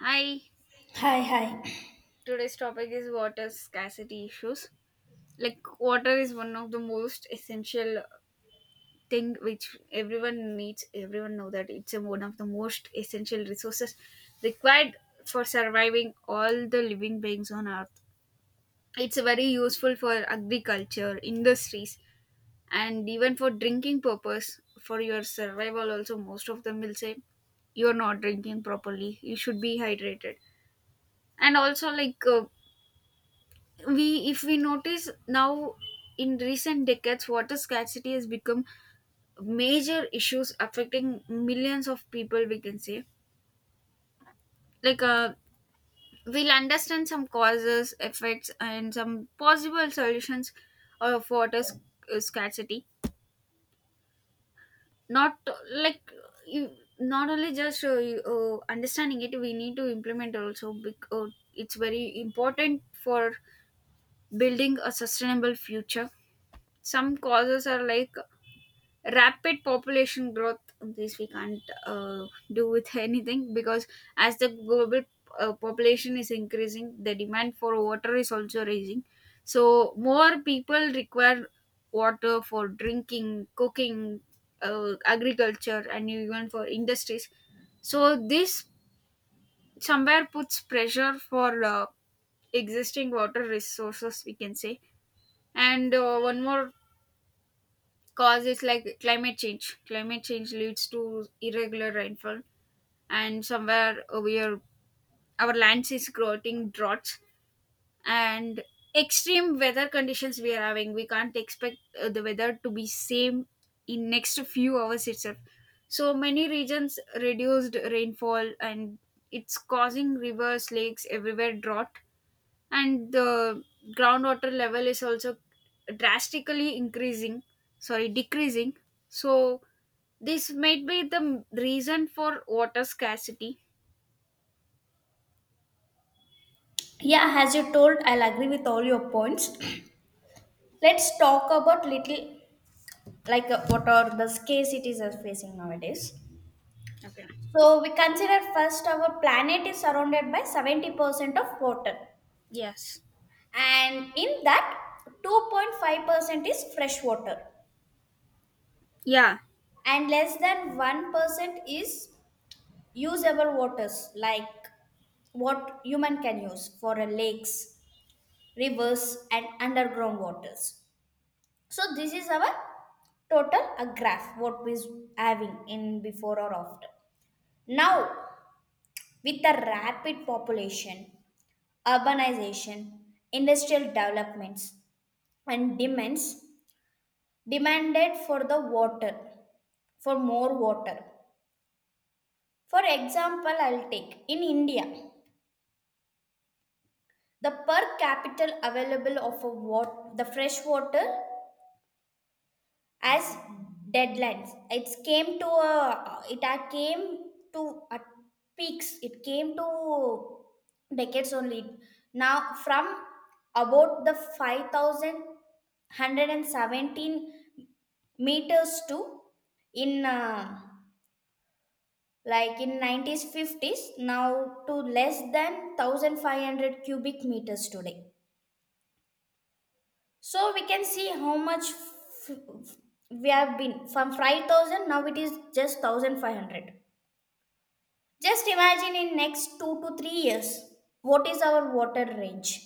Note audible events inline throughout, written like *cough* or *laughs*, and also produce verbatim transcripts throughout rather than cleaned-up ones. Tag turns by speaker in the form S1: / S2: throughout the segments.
S1: Hi,
S2: Hi, hi.
S1: today's topic is water scarcity issues. Like, water is one of the most essential thing which everyone needs. Everyone know that it's a one of the most essential resources required for surviving all the living beings on earth. It's very useful for agriculture, industries and even for drinking purpose. For your survival also, most of them will say you're not drinking properly, you should be hydrated. And also like uh, we, if we notice now, in recent decades water scarcity has become major issues affecting millions of people, we can say. like uh, we'll understand some causes, effects and some possible solutions of water sc- uh, scarcity. not uh, like you Not only just uh, you, uh, understanding it, we need to implement also, because it's very important for building a sustainable future. Some causes are like rapid population growth. This we can't uh, do with *laughs* anything, because as the global uh, population is increasing, the demand for water is also rising. So more people require water for drinking, cooking, uh, agriculture and even for industries. So this somewhere puts pressure for uh, existing water resources, we can say. And uh, one more cause it's like climate change. Climate change leads to irregular rainfall, and somewhere we are, our lands is creating droughts and extreme weather conditions we are having. We can't expect uh, the weather to be same in next few hours itself. So many regions reduced rainfall, and it's causing rivers, lakes everywhere drought, and the groundwater level is also drastically increasing, sorry, decreasing. So this might be the reason for water scarcity.
S2: Yeah, as you told, I'll agree with all your points. Let's talk about little like uh, what are the scarcities are facing nowadays.
S1: Okay.
S2: So we consider first our planet is surrounded by seventy percent of water,
S1: Yes.
S2: and in that two point five percent is fresh water,
S1: Yeah,
S2: and less than one percent is usable waters like what human can use for uh, lakes, rivers, and underground waters. So this is our total a graph what we is having in before or after. Now with the rapid population, urbanization, industrial developments and demands demanded for the water, for more water. For example, I'll take in India, the per capita available of a wat- the fresh water as deadlines it came to a it had came to a peaks it came to decades only now from about the five thousand one hundred seventeen meters to in uh, like in nineties fifties now to less than one thousand five hundred cubic meters today. So we can see how much f- f- we have been from five thousand, now it is just one thousand five hundred. Just imagine in next two to three years what is our water range.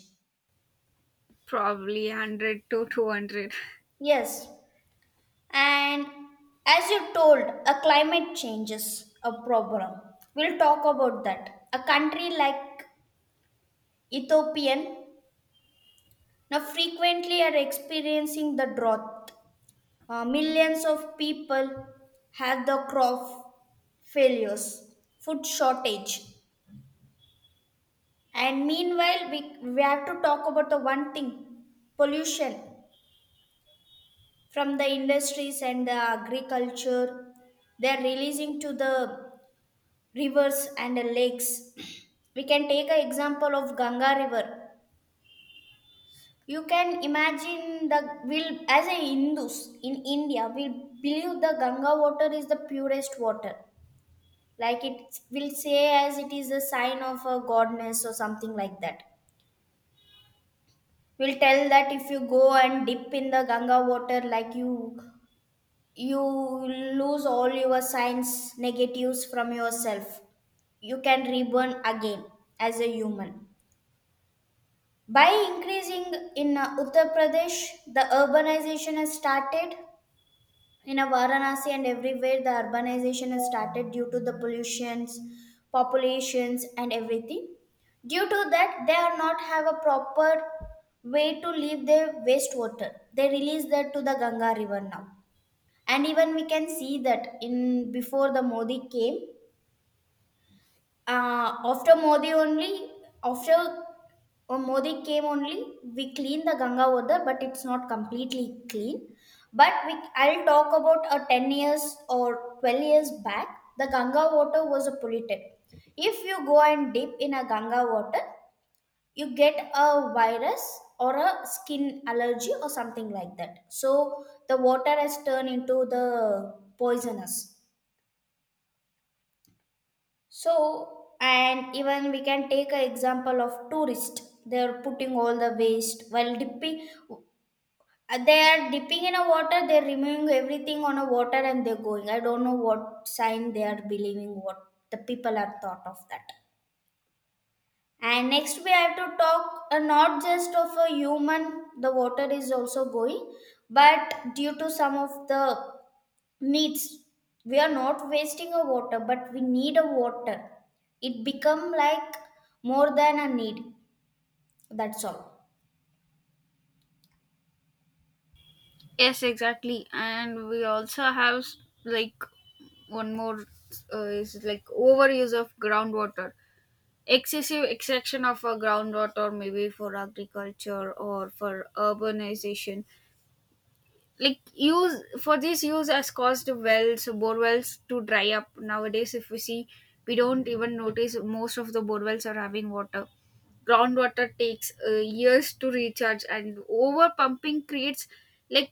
S1: probably one hundred to two hundred.
S2: Yes. And as you told a climate changes a problem. We'll talk about that. A country like Ethiopian now frequently are experiencing the drought. Uh, millions of people have the crop failures, food shortage. And meanwhile, we, we have to talk about the one thing, pollution from the industries and the agriculture. They are releasing to the rivers and the lakes. *clears throat* We can take an example of Ganga River. You can imagine the will as a Hindus in India, we believe the Ganga water is the purest water, like it will say as it is a sign of a godness or something like that, will tell that if you go and dip in the Ganga water, like you you lose all your signs negatives from yourself, you can reborn again as a human by increasing in uh, Uttar Pradesh. The urbanization has started in a Varanasi, and everywhere the urbanization has started due to the pollutions, populations and everything. Due to that, they are not have a proper way to leave their wastewater. They release that to the Ganga river now. And even we can see that in before the Modi came, uh, after Modi only, after uh, Modi came only, we clean the Ganga water, but it's not completely clean. But we, I'll talk about a ten years or twelve years back, the Ganga water was polluted. If you go and dip in a Ganga water, you get a virus or a skin allergy or something like that. So the water has turned into the poisonous. So, and even we can take an example of tourist. They're putting all the waste while dipping. They are dipping in a water. They're removing everything on a water and they're going. I don't know what sign they are believing, what the people are thought of that. And next we have to talk uh, not just of a human. The water is also going, but due to some of the needs we are not wasting a water, but we need a water, it become like more than a need. That's all.
S1: Yes, exactly. And we also have, like, one more uh, is like overuse of groundwater. Excessive extraction of a groundwater, maybe for agriculture or for urbanization, like use for this use has caused wells, borewells to dry up. Nowadays if we see, we don't even notice most of the borewells are having water. Groundwater takes uh, years to recharge, and over pumping creates, like,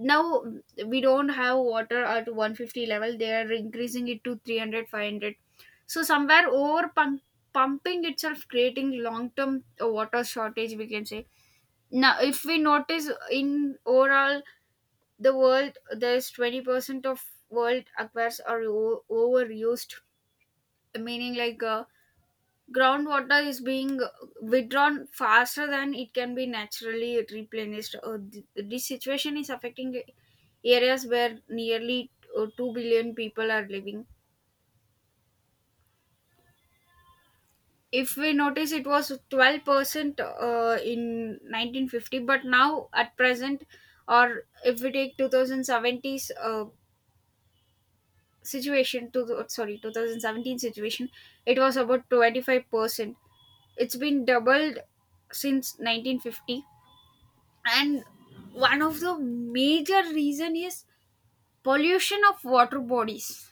S1: now we don't have water at one fifty level, they are increasing it to three hundred, five hundred. So somewhere over pump, pumping itself creating long term water shortage, we can say. Now if we notice in overall the world, there's twenty percent of world aquifers are o- overused, meaning like uh, groundwater is being withdrawn faster than it can be naturally replenished. Uh, th- this situation is affecting areas where nearly uh, two billion people are living. If we notice, it was twelve percent uh, in nineteen fifty, but now at present, or if we take two thousand seventies uh, situation to the, sorry, two thousand seventeen situation, it was about twenty-five percent. It's been doubled since nineteen fifty. And one of the major reason is pollution of water bodies.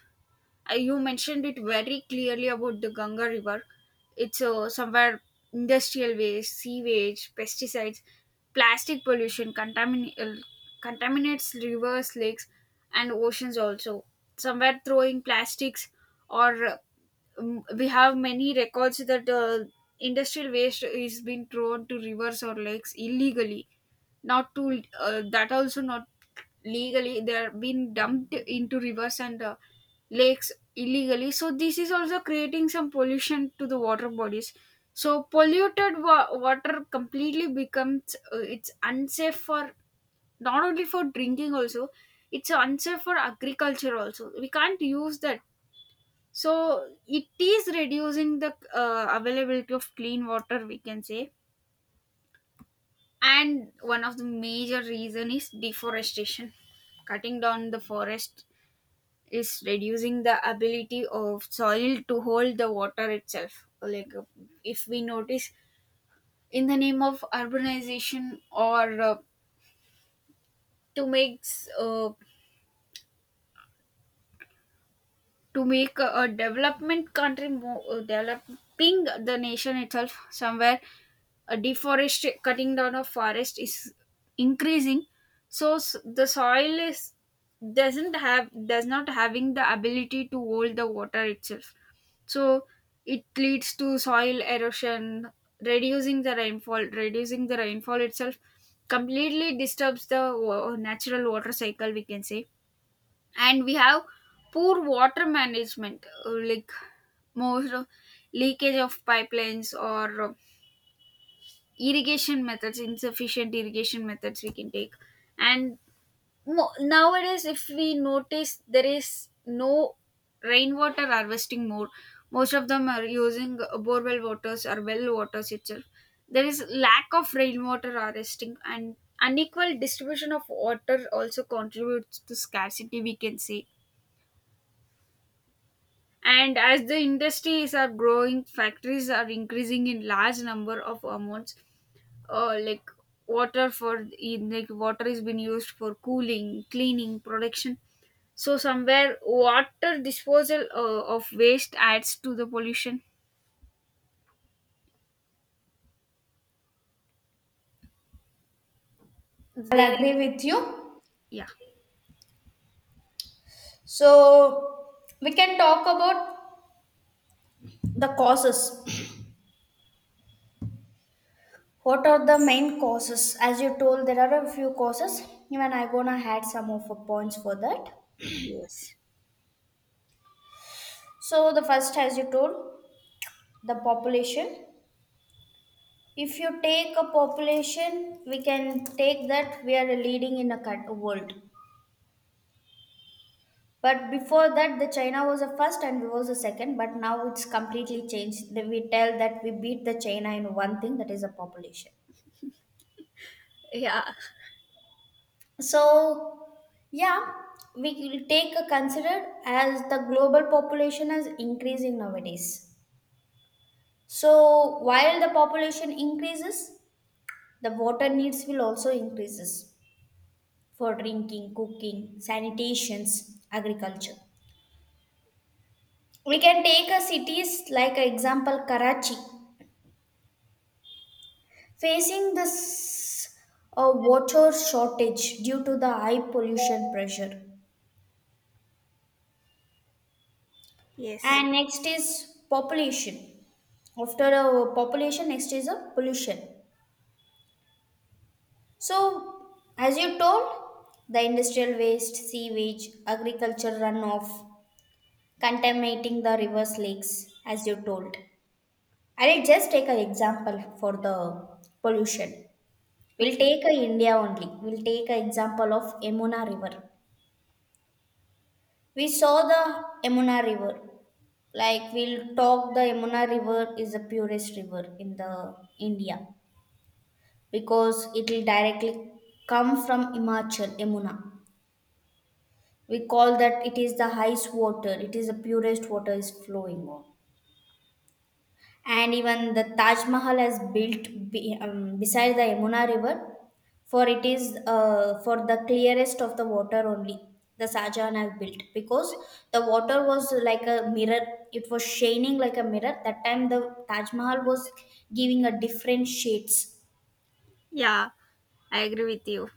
S1: uh, You mentioned it very clearly about the Ganga River. It's uh, somewhere industrial waste, sewage, pesticides, plastic pollution contamin- uh, contaminates rivers, lakes, and oceans also. Somewhere throwing plastics, or uh, mm, we have many records that uh, industrial waste is being thrown to rivers or lakes illegally. Not to uh, That also not legally, they are being dumped into rivers and uh, lakes illegally. So this is also creating some pollution to the water bodies. So polluted wa- water completely becomes uh, it's unsafe for, not only for drinking also, it's unsafe for agriculture also, we can't use that. So it is reducing the uh, availability of clean water, we can say. And one of the major reason is deforestation. Cutting down the forest is reducing the ability of soil to hold the water itself. Like uh, if we notice, in the name of urbanization or uh, to make uh, to make a, a development country, more uh, developing the nation itself, somewhere a deforest, cutting down of forest is increasing. So s- the soil is, doesn't have, does not having the ability to hold the water itself. So it leads to soil erosion, reducing the rainfall, reducing the rainfall itself completely disturbs the wa- natural water cycle, we can say. And we have poor water management, uh, like most of leakage of pipelines or uh, irrigation methods, insufficient irrigation methods we can take. And mo- nowadays if we notice, there is no rainwater harvesting. More, most of them are using uh, borewell waters or well waters itself. There is lack of rainwater harvesting, and unequal distribution of water also contributes to scarcity, we can say. And as the industries are growing, factories are increasing in large number of amounts. uh, like water for in like Water is being used for cooling, cleaning, production. So somewhere water disposal uh, of waste adds to the pollution.
S2: I'll
S1: There
S2: agree
S1: is
S2: with you.
S1: yeah.
S2: So we can talk about the causes, what are the main causes. As you told, there are a few causes. Even I gonna add some of the points for that.
S1: Yes.
S2: So the first, as you told, the population. If you take a population, we can take that we are leading in a cult- world. But before that, the China was the first and we was the second. But now it's completely changed. Then we tell that we beat the China in one thing, that is the population.
S1: Yeah.
S2: So yeah, we will take a consider as the global population is increasing nowadays. So while the population increases, the water needs will also increases for drinking, cooking, sanitations, agriculture. We can take a cities like a example Karachi, facing this uh, water shortage due to the high pollution pressure.
S1: Yes.
S2: And next is population. After a population, next is a pollution. So, as you told, the industrial waste, sewage, agriculture runoff, contaminating the rivers, lakes, as you told. I'll just take an example for the pollution. We'll
S1: Okay.
S2: take a India only. We'll take an example of Yamuna River. We saw the Yamuna River. Like, we'll talk, the Yamuna River is the purest river in the India because it will directly come from Himachal Yamuna. We call that it is the highest water. It is the purest water is flowing on. And even the Taj Mahal is built be, um, beside the Yamuna River, for it is uh, for the clearest of the water only. The Shahjahan have built because the water was like a mirror; it was shining like a mirror. That time the Taj Mahal was giving a different shades,
S1: Yeah, I agree with you.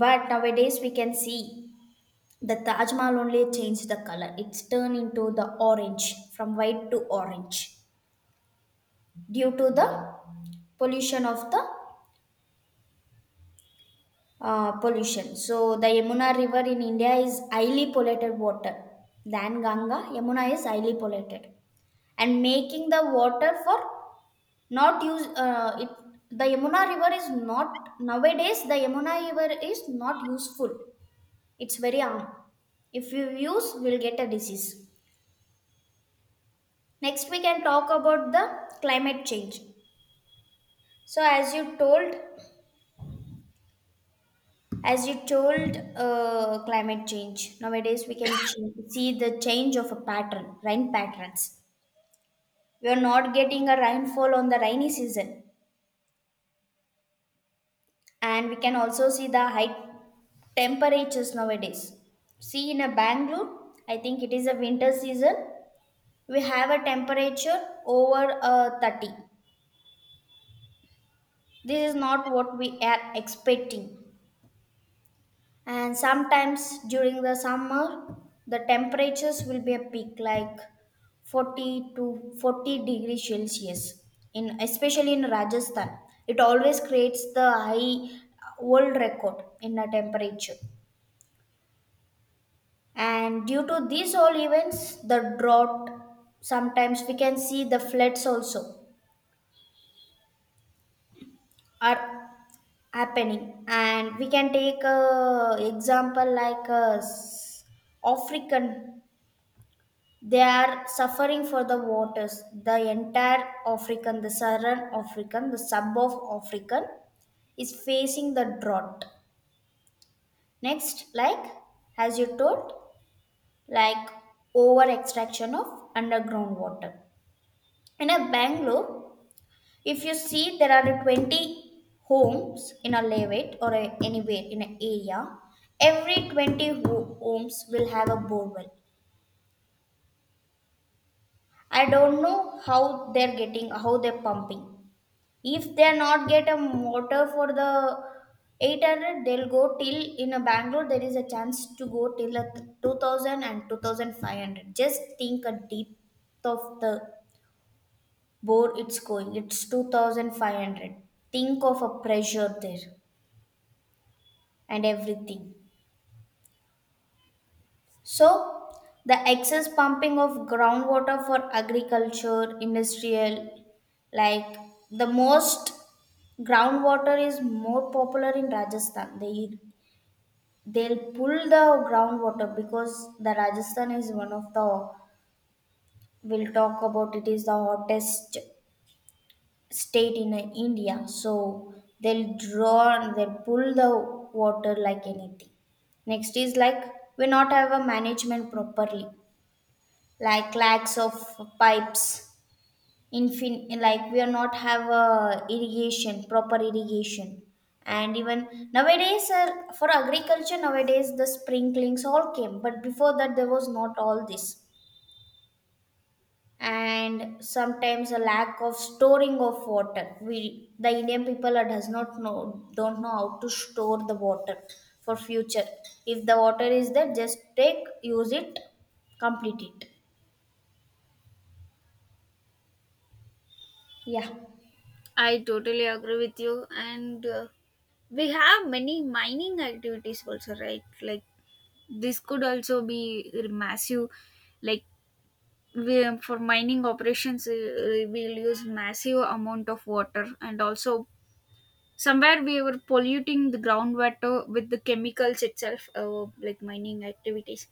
S2: but nowadays we can see the Taj Mahal only changed the color. It's turned into the orange, from white to orange, due to the pollution of the Uh, pollution. So the Yamuna River in India is highly polluted water than Ganga. Yamuna is highly polluted, and making the water for not use uh, it. The Yamuna River is not nowadays. The Yamuna River is not useful. It's very harm. If you use, we'll get a disease. Next, we can talk about the climate change. So as you told, As you told, uh, climate change. Nowadays, we can ch- see the change of a pattern, rain patterns. We are not getting a rainfall on the rainy season, and we can also see the high temperatures nowadays. See, in a Bangalore, I think it is a winter season. We have a temperature over uh, thirty. This is not what we are expecting. And sometimes during the summer, the temperatures will be a peak like forty to forty degrees Celsius, in especially in Rajasthan. It always creates the high uh, world record in the temperature. And due to these all events, the drought, sometimes we can see the floods also are happening. And we can take a example like a s- African. They are suffering for the waters. The entire African, the Southern African, the sub of African is facing the drought. Next, like as you told, like over extraction of underground water. In a Bangalore, if you see there are twenty homes in a levate or a, anywhere in an area, every twenty ho- homes will have a borewell. I don't know how they're getting, how they're pumping. If they not get a motor for the eight hundred, they'll go till in a Bangalore. There is a chance to go till a two thousand and two thousand five hundred. Just think a deep of the board it's going. It's two thousand five hundred. Think of a pressure there and everything. So, the excess pumping of groundwater for agriculture, industrial, like, the most groundwater is more popular in Rajasthan. They They'll pull the groundwater because the Rajasthan is one of the, we'll talk about, it is the hottest state in uh, India. So they'll draw they'll pull the water like anything. Next is like we not have a management properly, like lacks of pipes, infin like we are not have uh, irrigation proper irrigation And even nowadays uh, for agriculture, nowadays the sprinklings all came, but before that there was not all this. And sometimes a lack of storing of water, we the Indian people are- does not know don't know how to store the water for future. If the water is there, just take, use it, complete it. Yeah.
S1: I totally agree with you. And uh, we have many mining activities also, right? Like, this could also be massive, like we, for mining operations, uh, we'll use massive amount of water, and also somewhere we were polluting the groundwater with the chemicals itself, uh, like mining activities.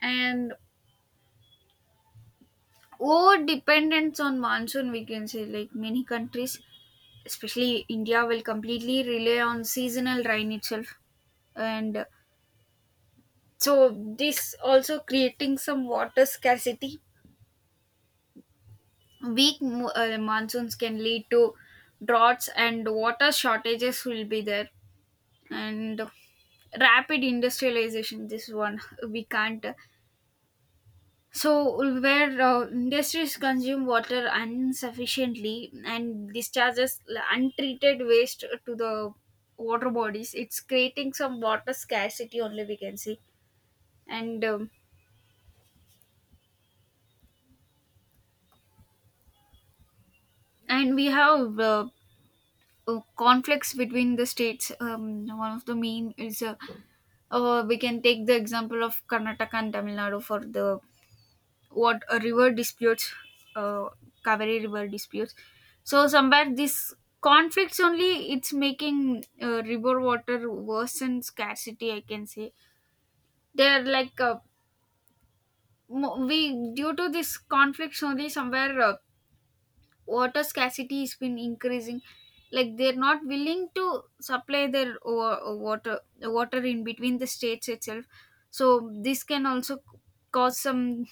S1: And over dependence on monsoon, we can say, like many countries, especially India, will completely rely on seasonal rain itself, and so this also creating some water scarcity. Weak mo- uh, monsoons can lead to droughts, and water shortages will be there. And rapid industrialization, this one we can't. So, where uh, industries consume water insufficiently and discharges untreated waste to the water bodies, it's creating some water scarcity only, we can see. And um, and we have uh, uh, conflicts between the states. Um, one of the main is uh, uh, we can take the example of Karnataka and Tamil Nadu for the what a river disputes, uh, Kaveri river disputes. So somewhere this conflicts only, it's making uh, river water worsen scarcity, I can say. they're like uh, mo- we, due to this conflicts only, somewhere uh, water scarcity has been increasing, like they're not willing to supply their wa- uh, water water in between the states itself. So this can also cause some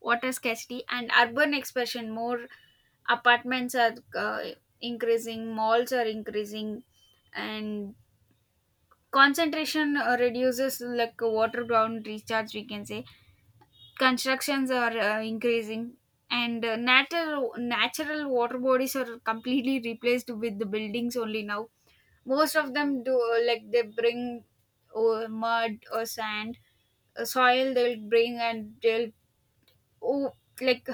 S1: water scarcity. And urban expansion, more apartments are uh, increasing, malls are increasing, and concentration uh, reduces like uh, water ground recharge, we can say. Constructions are uh, increasing, and uh, natural natural water bodies are completely replaced with the buildings only now. Most of them do uh, like they bring uh, mud or sand uh, soil they'll bring, and they'll oh, like,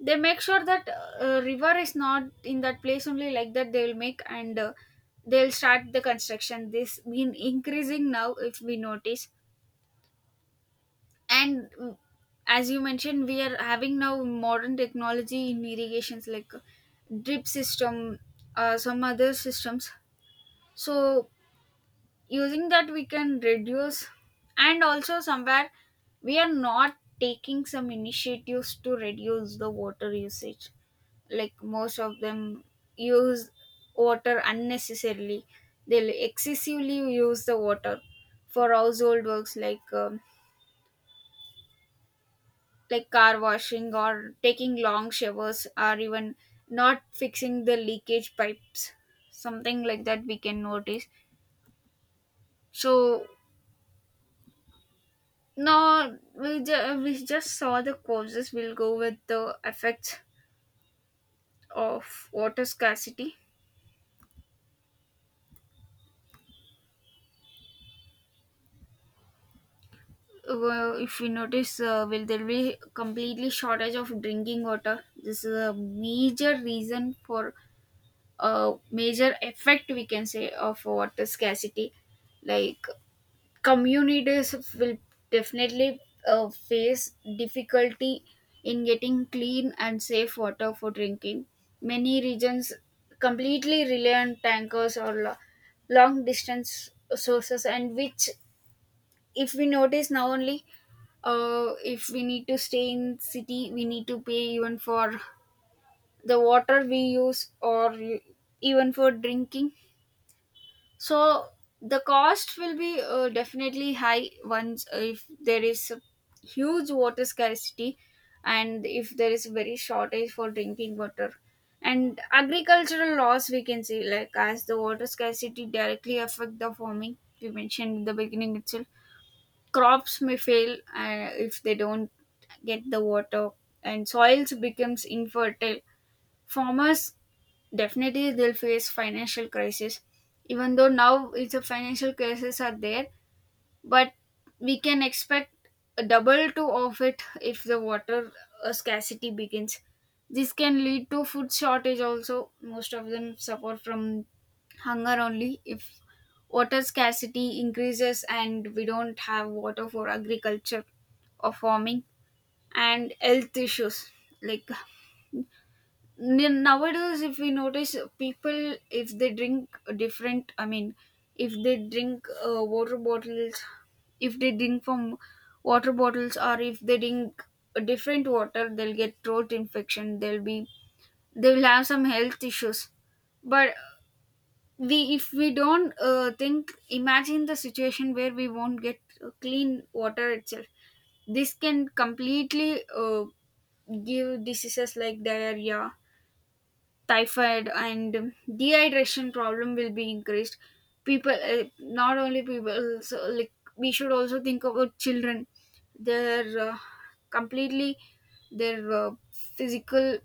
S1: they make sure that uh, river is not in that place only, like that they will make, and uh, they'll start the construction. This been increasing now if we notice. And mm, as you mentioned, we are having now modern technology in irrigations, like uh, drip system, uh, some other systems. So using that we can reduce, and also somewhere we are not taking some initiatives to reduce the water usage. Like most of them use water unnecessarily, they'll excessively use the water for household works, like um, like car washing or taking long showers or even not fixing the leakage pipes, something like that we can notice. So no, we, ju- we just saw the causes, we'll go with the effects of water scarcity. Well, if we notice, uh, will there be completely shortage of drinking water? This is a major reason for, a major effect we can say, of water scarcity. Like, communities will definitely uh, face difficulty in getting clean and safe water for drinking. Many regions completely rely on tankers or lo- long distance sources. And which, if we notice now only, uh, if we need to stay in city, we need to pay even for the water we use or even for drinking. So the cost will be uh, definitely high once, uh, if there is a huge water scarcity, and if there is very shortage for drinking water. And agricultural loss, we can say, like as the water scarcity directly affect the farming, we mentioned in the beginning itself. Crops may fail uh, if they don't get the water, and soils becomes infertile. Farmers definitely they'll face financial crisis. Even though now it's a financial crisis are there, but we can expect a double to of it if the water uh, scarcity begins. This can lead to food shortage also, most of them suffer from hunger only, if water scarcity increases and we don't have water for agriculture or farming. And health issues, like, N- nowadays if we notice, people if they drink different, I mean, if they drink uh, water bottles, if they drink from water bottles or if they drink a different water, they'll get throat infection, they'll be, they'll have some health issues. But we, if we don't uh, think imagine the situation where we won't get uh, clean water itself, this can completely uh, give diseases like diarrhea, typhoid, and dehydration problem will be increased. People uh, not only people, so like we should also think about children. Their uh, completely their uh, physical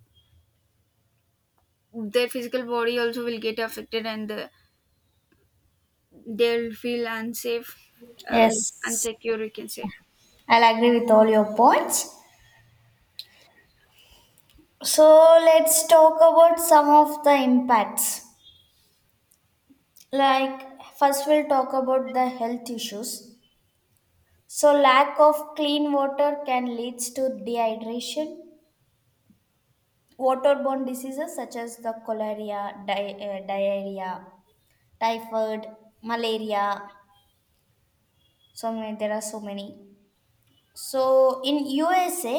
S1: their physical body also will get affected, and uh, they'll feel unsafe uh, like,
S2: Yes,
S1: unsecure, you can say.
S2: I'll agree with all your points. So let's talk about some of the impacts. Like, first, we'll talk about the health issues. So, lack of clean water can leads to dehydration, waterborne diseases such as the cholera, di- uh, diarrhea, typhoid, malaria. So, many, there are so many. So, in U S A,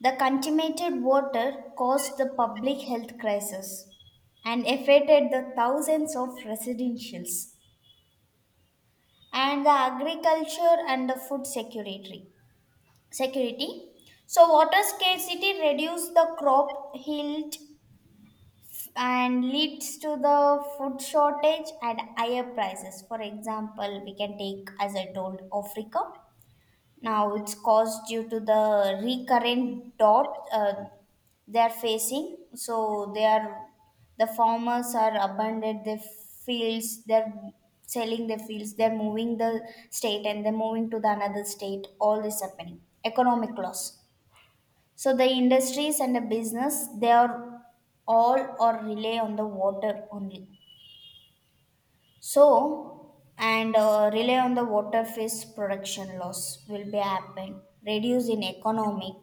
S2: the contaminated water caused the public health crisis and affected the thousands of residentials. And the agriculture and the food security security so water scarcity reduces the crop yield and leads to the food shortage and higher prices. For example, we can take, as I told, Africa. Now it's caused due to the recurrent drought uh, they are facing. So they are the farmers are abandoned their fields. They're selling their fields. They're moving the state and they're moving to the another state. All this happening. Economic loss. So the industries and the business, they are all or rely on the water only. So, and uh, rely on the water, fish production loss will be happen. Reduce in economic,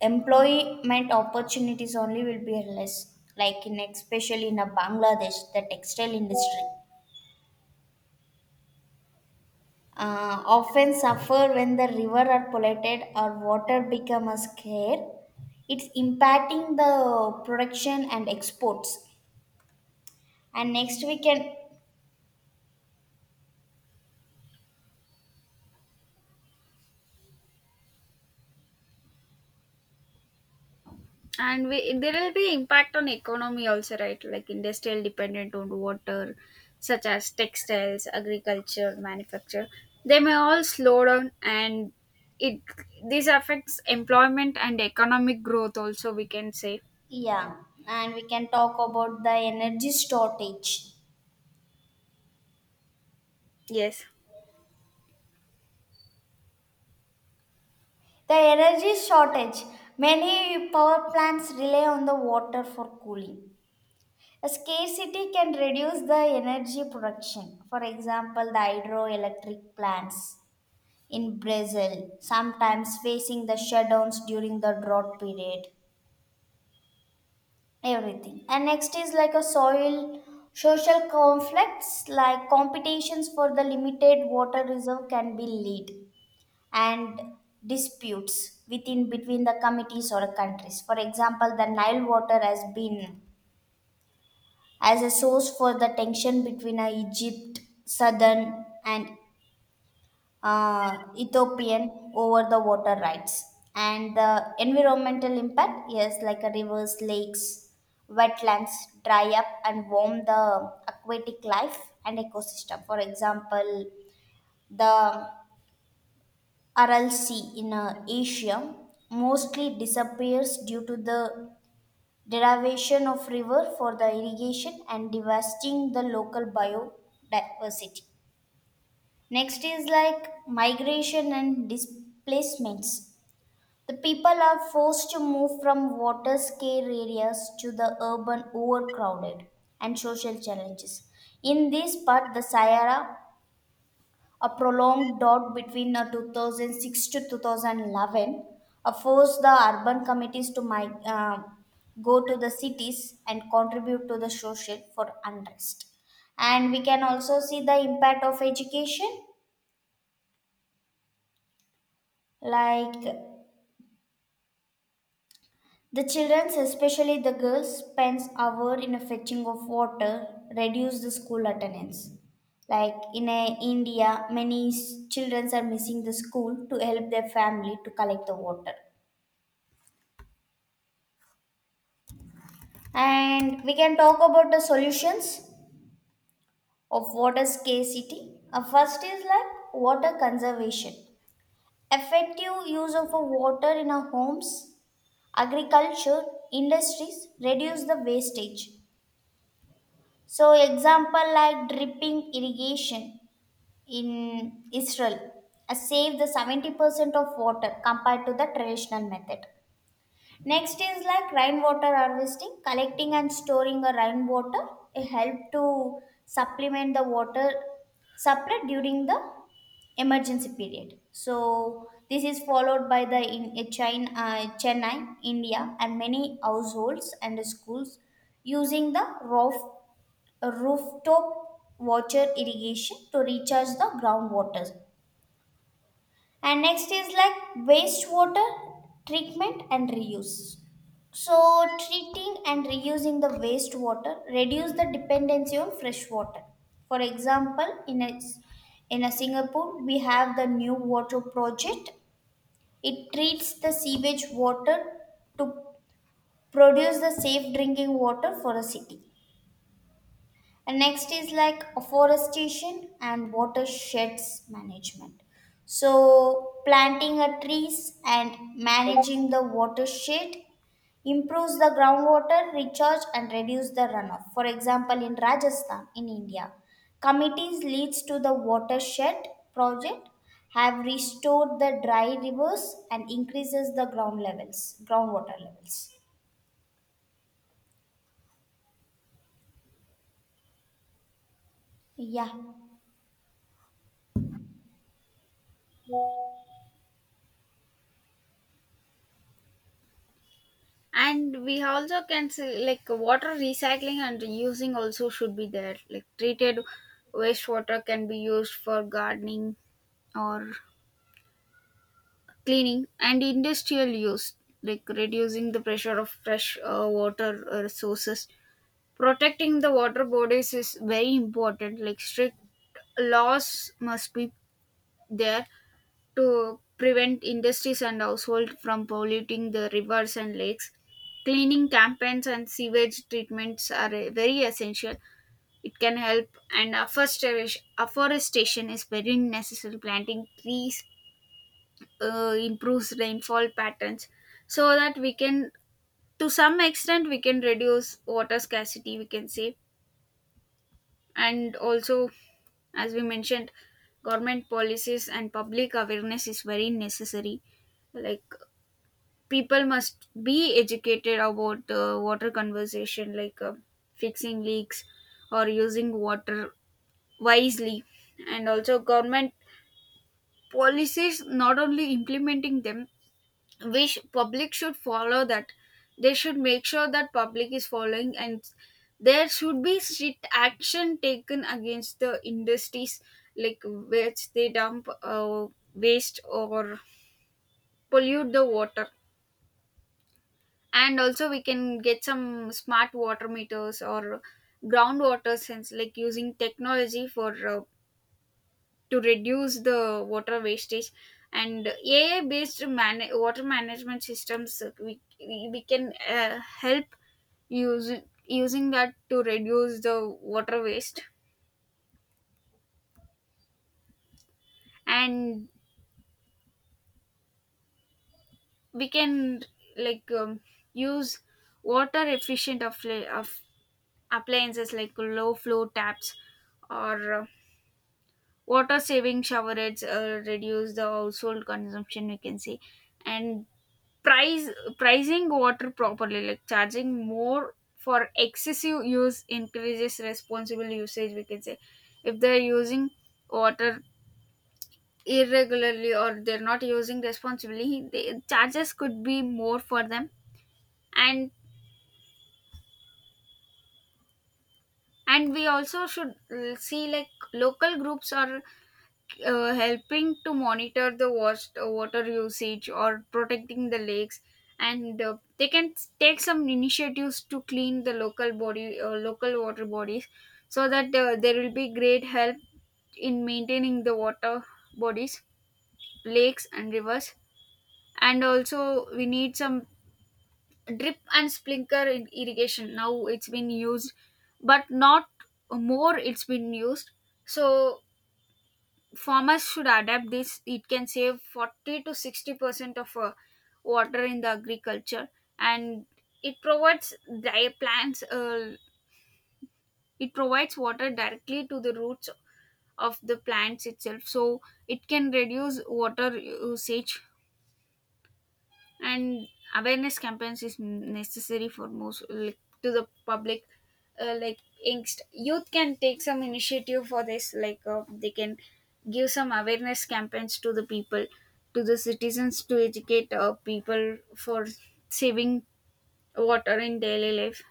S2: employment opportunities only will be less. Like in especially in a Bangladesh, the textile industry uh, often suffer when the river are polluted or water become a scarce. It's impacting the production and exports. And next we can.
S1: And we, there will be impact on economy also, right? Like industrial dependent on water such as textiles, agriculture, manufacture, they may all slow down and it this affects employment and economic growth also, we can say.
S2: Yeah, and we can talk about the energy shortage.
S1: Yes.
S2: The energy shortage. Many power plants rely on the water for cooling. A scarcity can reduce the energy production. For example, the hydroelectric plants in Brazil sometimes facing the shutdowns during the drought period. Everything. And next is like a soil social conflicts like competitions for the limited water reserve can be lead and disputes within between the committees or countries. For example, the Nile water has been as a source for the tension between uh, Egypt, Southern and uh, Ethiopian over the water rights. And the environmental impact is like a rivers, lakes, wetlands dry up and warm the aquatic life and ecosystem. For example, the Aral Sea in uh, Asia mostly disappears due to the derivation of river for the irrigation and devastating the local biodiversity. Next is like migration and displacements. The people are forced to move from water scarce areas to the urban overcrowded and social challenges. In this part, the Sahara a prolonged drought between uh, two thousand six to two thousand eleven uh, forced the urban committees to mig- uh, go to the cities and contribute to the social for unrest. And we can also see the impact of education, like the children, especially the girls, spends hour in a fetching of water, reduce the school attendance. Like in uh, India, many s- children are missing the school to help their family to collect the water. And we can talk about the solutions of water scarcity. Uh, first is like water conservation. Effective use of a water in our homes, agriculture, industries reduce the wastage. So example like dripping irrigation in Israel uh, save the seventy percent of water compared to the traditional method. Next is like rainwater harvesting, collecting and storing a rainwater. It help to supplement the water supply during the emergency period. So this is followed by the in in China, uh, Chennai, India, and many households and schools using the roof, rooftop water irrigation to recharge the groundwater. And next is like wastewater treatment and reuse. So, treating and reusing the wastewater reduce the dependency on fresh water. For example, in a, in a Singapore, we have the new water project. It treats the sewage water to produce the safe drinking water for a city. And next is like afforestation and watersheds management. So, planting a trees and managing the watershed improves the groundwater recharge and reduce the runoff. For example, in Rajasthan, in India, committees leads to the watershed project have restored the dry rivers and increases the ground levels, groundwater levels. Yeah.
S1: And we also can say like water recycling and reusing also should be there. Like treated wastewater can be used for gardening or cleaning and industrial use, like reducing the pressure of fresh uh, water uh, resources. Protecting the water bodies is very important. Like strict laws must be there to prevent industries and households from polluting the rivers and lakes. Cleaning campaigns and sewage treatments are uh, very essential, it can help. And afforestation afforestation is very necessary. Planting trees uh, improves rainfall patterns, so that we can, to some extent we can reduce water scarcity, we can say. And also, as we mentioned, government policies and public awareness is very necessary. Like people must be educated about uh, water conservation, like, uh, fixing leaks or using water wisely. And also government policies, not only implementing them, we sh- public should follow that. They should make sure that public is following, and there should be strict action taken against the industries like which they dump uh, waste or pollute the water. And also we can get some smart water meters or groundwater sense, like using technology for uh, to reduce the water wastage. And AI based man- water management systems, uh, we, we we can uh, help use, using that to reduce the water waste. And we can, like um, use water efficient of, of appliances like low flow taps or water saving showerheads uh, reduce the household consumption, we can say. And price pricing water properly, like charging more for excessive use increases responsible usage, we can say. If they're using water irregularly or they're not using responsibly, the charges could be more for them. And and we also should uh, see, like local groups or uh, helping to monitor the wat- uh, water usage or protecting the lakes. And uh, they can s- take some initiatives to clean the local body uh, local water bodies, so that uh, there will be great help in maintaining the water bodies, lakes and rivers. And also we need some drip and sprinkler in irrigation. Now it's been used, but not more it's been used. So farmers should adapt this. It can save forty to sixty percent of uh, water in the agriculture. And it provides di- plants, uh, it provides water directly to the roots of the plants itself, so it can reduce water usage. And awareness campaigns is necessary for most, like, to the public. Uh, like angst youth can take some initiative for this. Like uh, they can give some awareness campaigns to the people, to the citizens, to educate uh, people for saving water in daily life.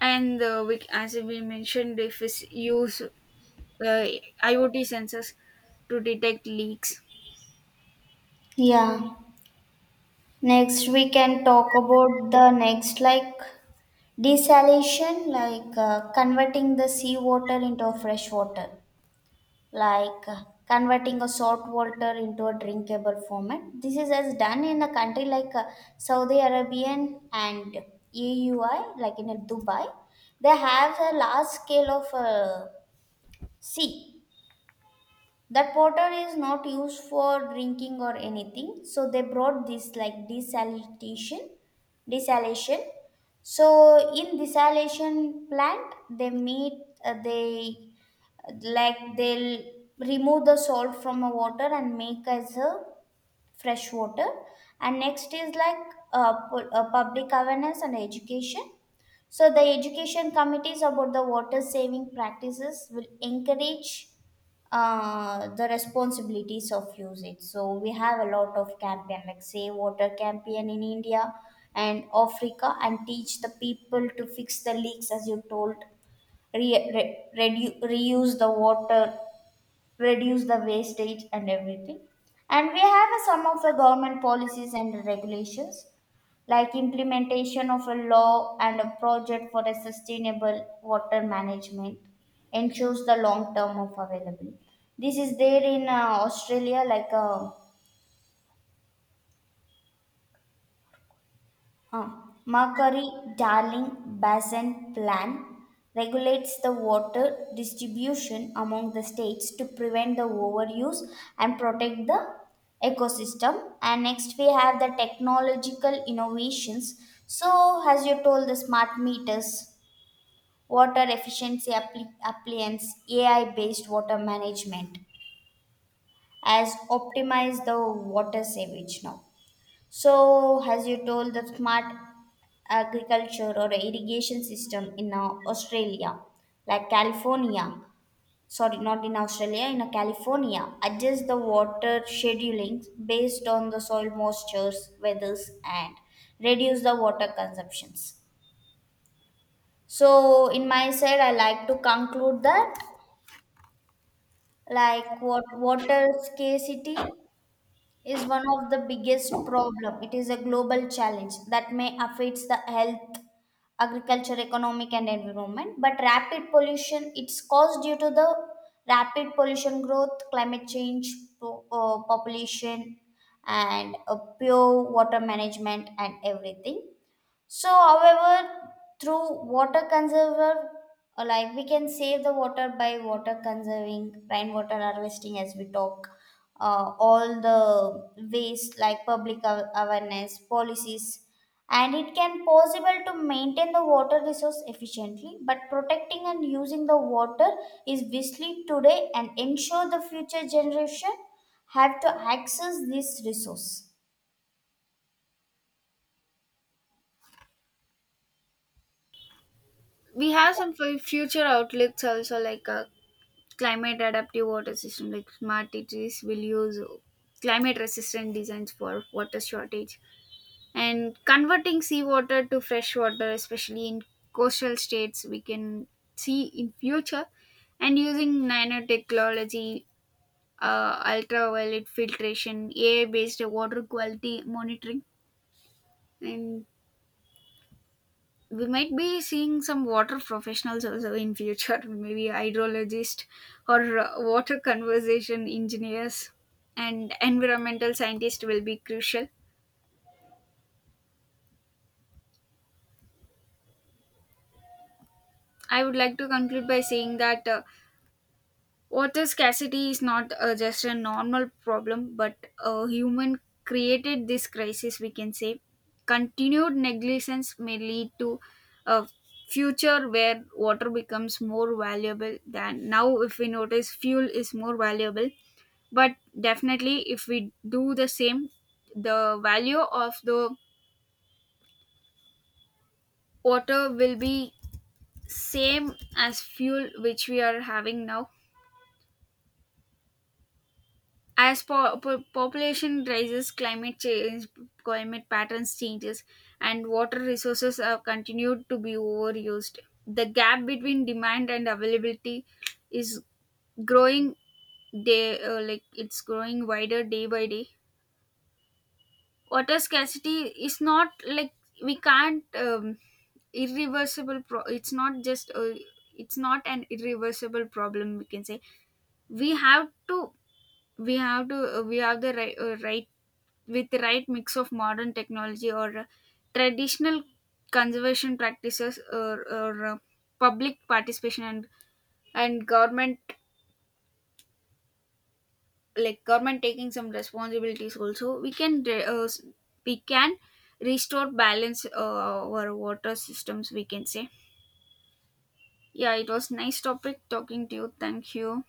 S1: And uh, we, as we mentioned, if it's use uh, IoT sensors to detect leaks.
S2: Yeah. Next, we can talk about the next, like desalination, like uh, converting the sea water into a fresh water, like uh, converting a salt water into a drinkable format. This is as done in a country like uh, Saudi Arabian and E U I, like in uh, Dubai. They have a large scale of uh, sea that water is not used for drinking or anything. So they brought this like desalination, desalination. So in desalination plant, they meet uh, they like they'll remove the salt from a water and make as a fresh water. And next is like uh, pu- uh, public awareness and education. So the education committees about the water saving practices will encourage uh, the responsibilities of usage. So we have a lot of campaign like Save Water campaign in India and Africa and teach the people to fix the leaks as you told, re- re- redu- reuse the water, reduce the wastage and everything. And we have a, some of the government policies and regulations like implementation of a law and a project for a sustainable water management ensures the long term of availability. This is there in uh, Australia, like uh, Uh, Markari-Darling Basin Plan regulates the water distribution among the states to prevent the overuse and protect the ecosystem. And next, we have the technological innovations. So, as you told, the smart meters, water efficiency appli- appliance, A I based water management has optimized the water savage now. So, as you told, the smart agriculture or irrigation system in uh, Australia, like California, sorry, not in Australia, in uh, California, adjusts the water scheduling based on the soil moistures, weathers, and reduce the water consumptions. So, in my side, I like to conclude that like what water scarcity is one of the biggest problem. It is a global challenge that may affects the health, agriculture, economic and environment. But rapid pollution, it's caused due to the rapid pollution growth, climate change, po- uh, population and uh, pure water management and everything. So, however, through water conserver, uh, like we can save the water by water conserving, rainwater harvesting, as we talk, uh, all the waste like public aw- awareness policies, and it can possible to maintain the water resource efficiently. But protecting and using the water is wisely today and ensure the future generation have to access this resource.
S1: We have some fu- future outlets also, like uh, climate adaptive water system. Like smart cities will use climate resistant designs for water shortage, and converting seawater to fresh water, especially in coastal states, we can see in future. And using nanotechnology, uh, ultraviolet filtration, AI based water quality monitoring. And we might be seeing some water professionals also in future *laughs* maybe hydrologist or uh, water conservation engineers and environmental scientists will be crucial. I would like to conclude by saying that uh, water scarcity is not uh, just a normal problem, but a human created this crisis, we can say. Continued negligence may lead to a future where water becomes more valuable than now. If we notice, fuel is more valuable, but definitely if we do the same, the value of the water will be same as fuel which we are having now. As po- po- population rises, climate change, climate patterns changes, and water resources are continued to be overused, the gap between demand and availability is growing, day uh, like it's growing wider day by day. Water scarcity is not like, we can't um, irreversible pro- it's not just a, it's not an irreversible problem, we can say. We have to, we have to uh, we have the right, uh, right, with the right mix of modern technology or uh, traditional conservation practices, or, or uh, public participation and and government, like government taking some responsibilities, also we can re- uh, s- we can restore balance uh, our water systems, we can say. Yeah, it was nice topic talking to you. Thank you.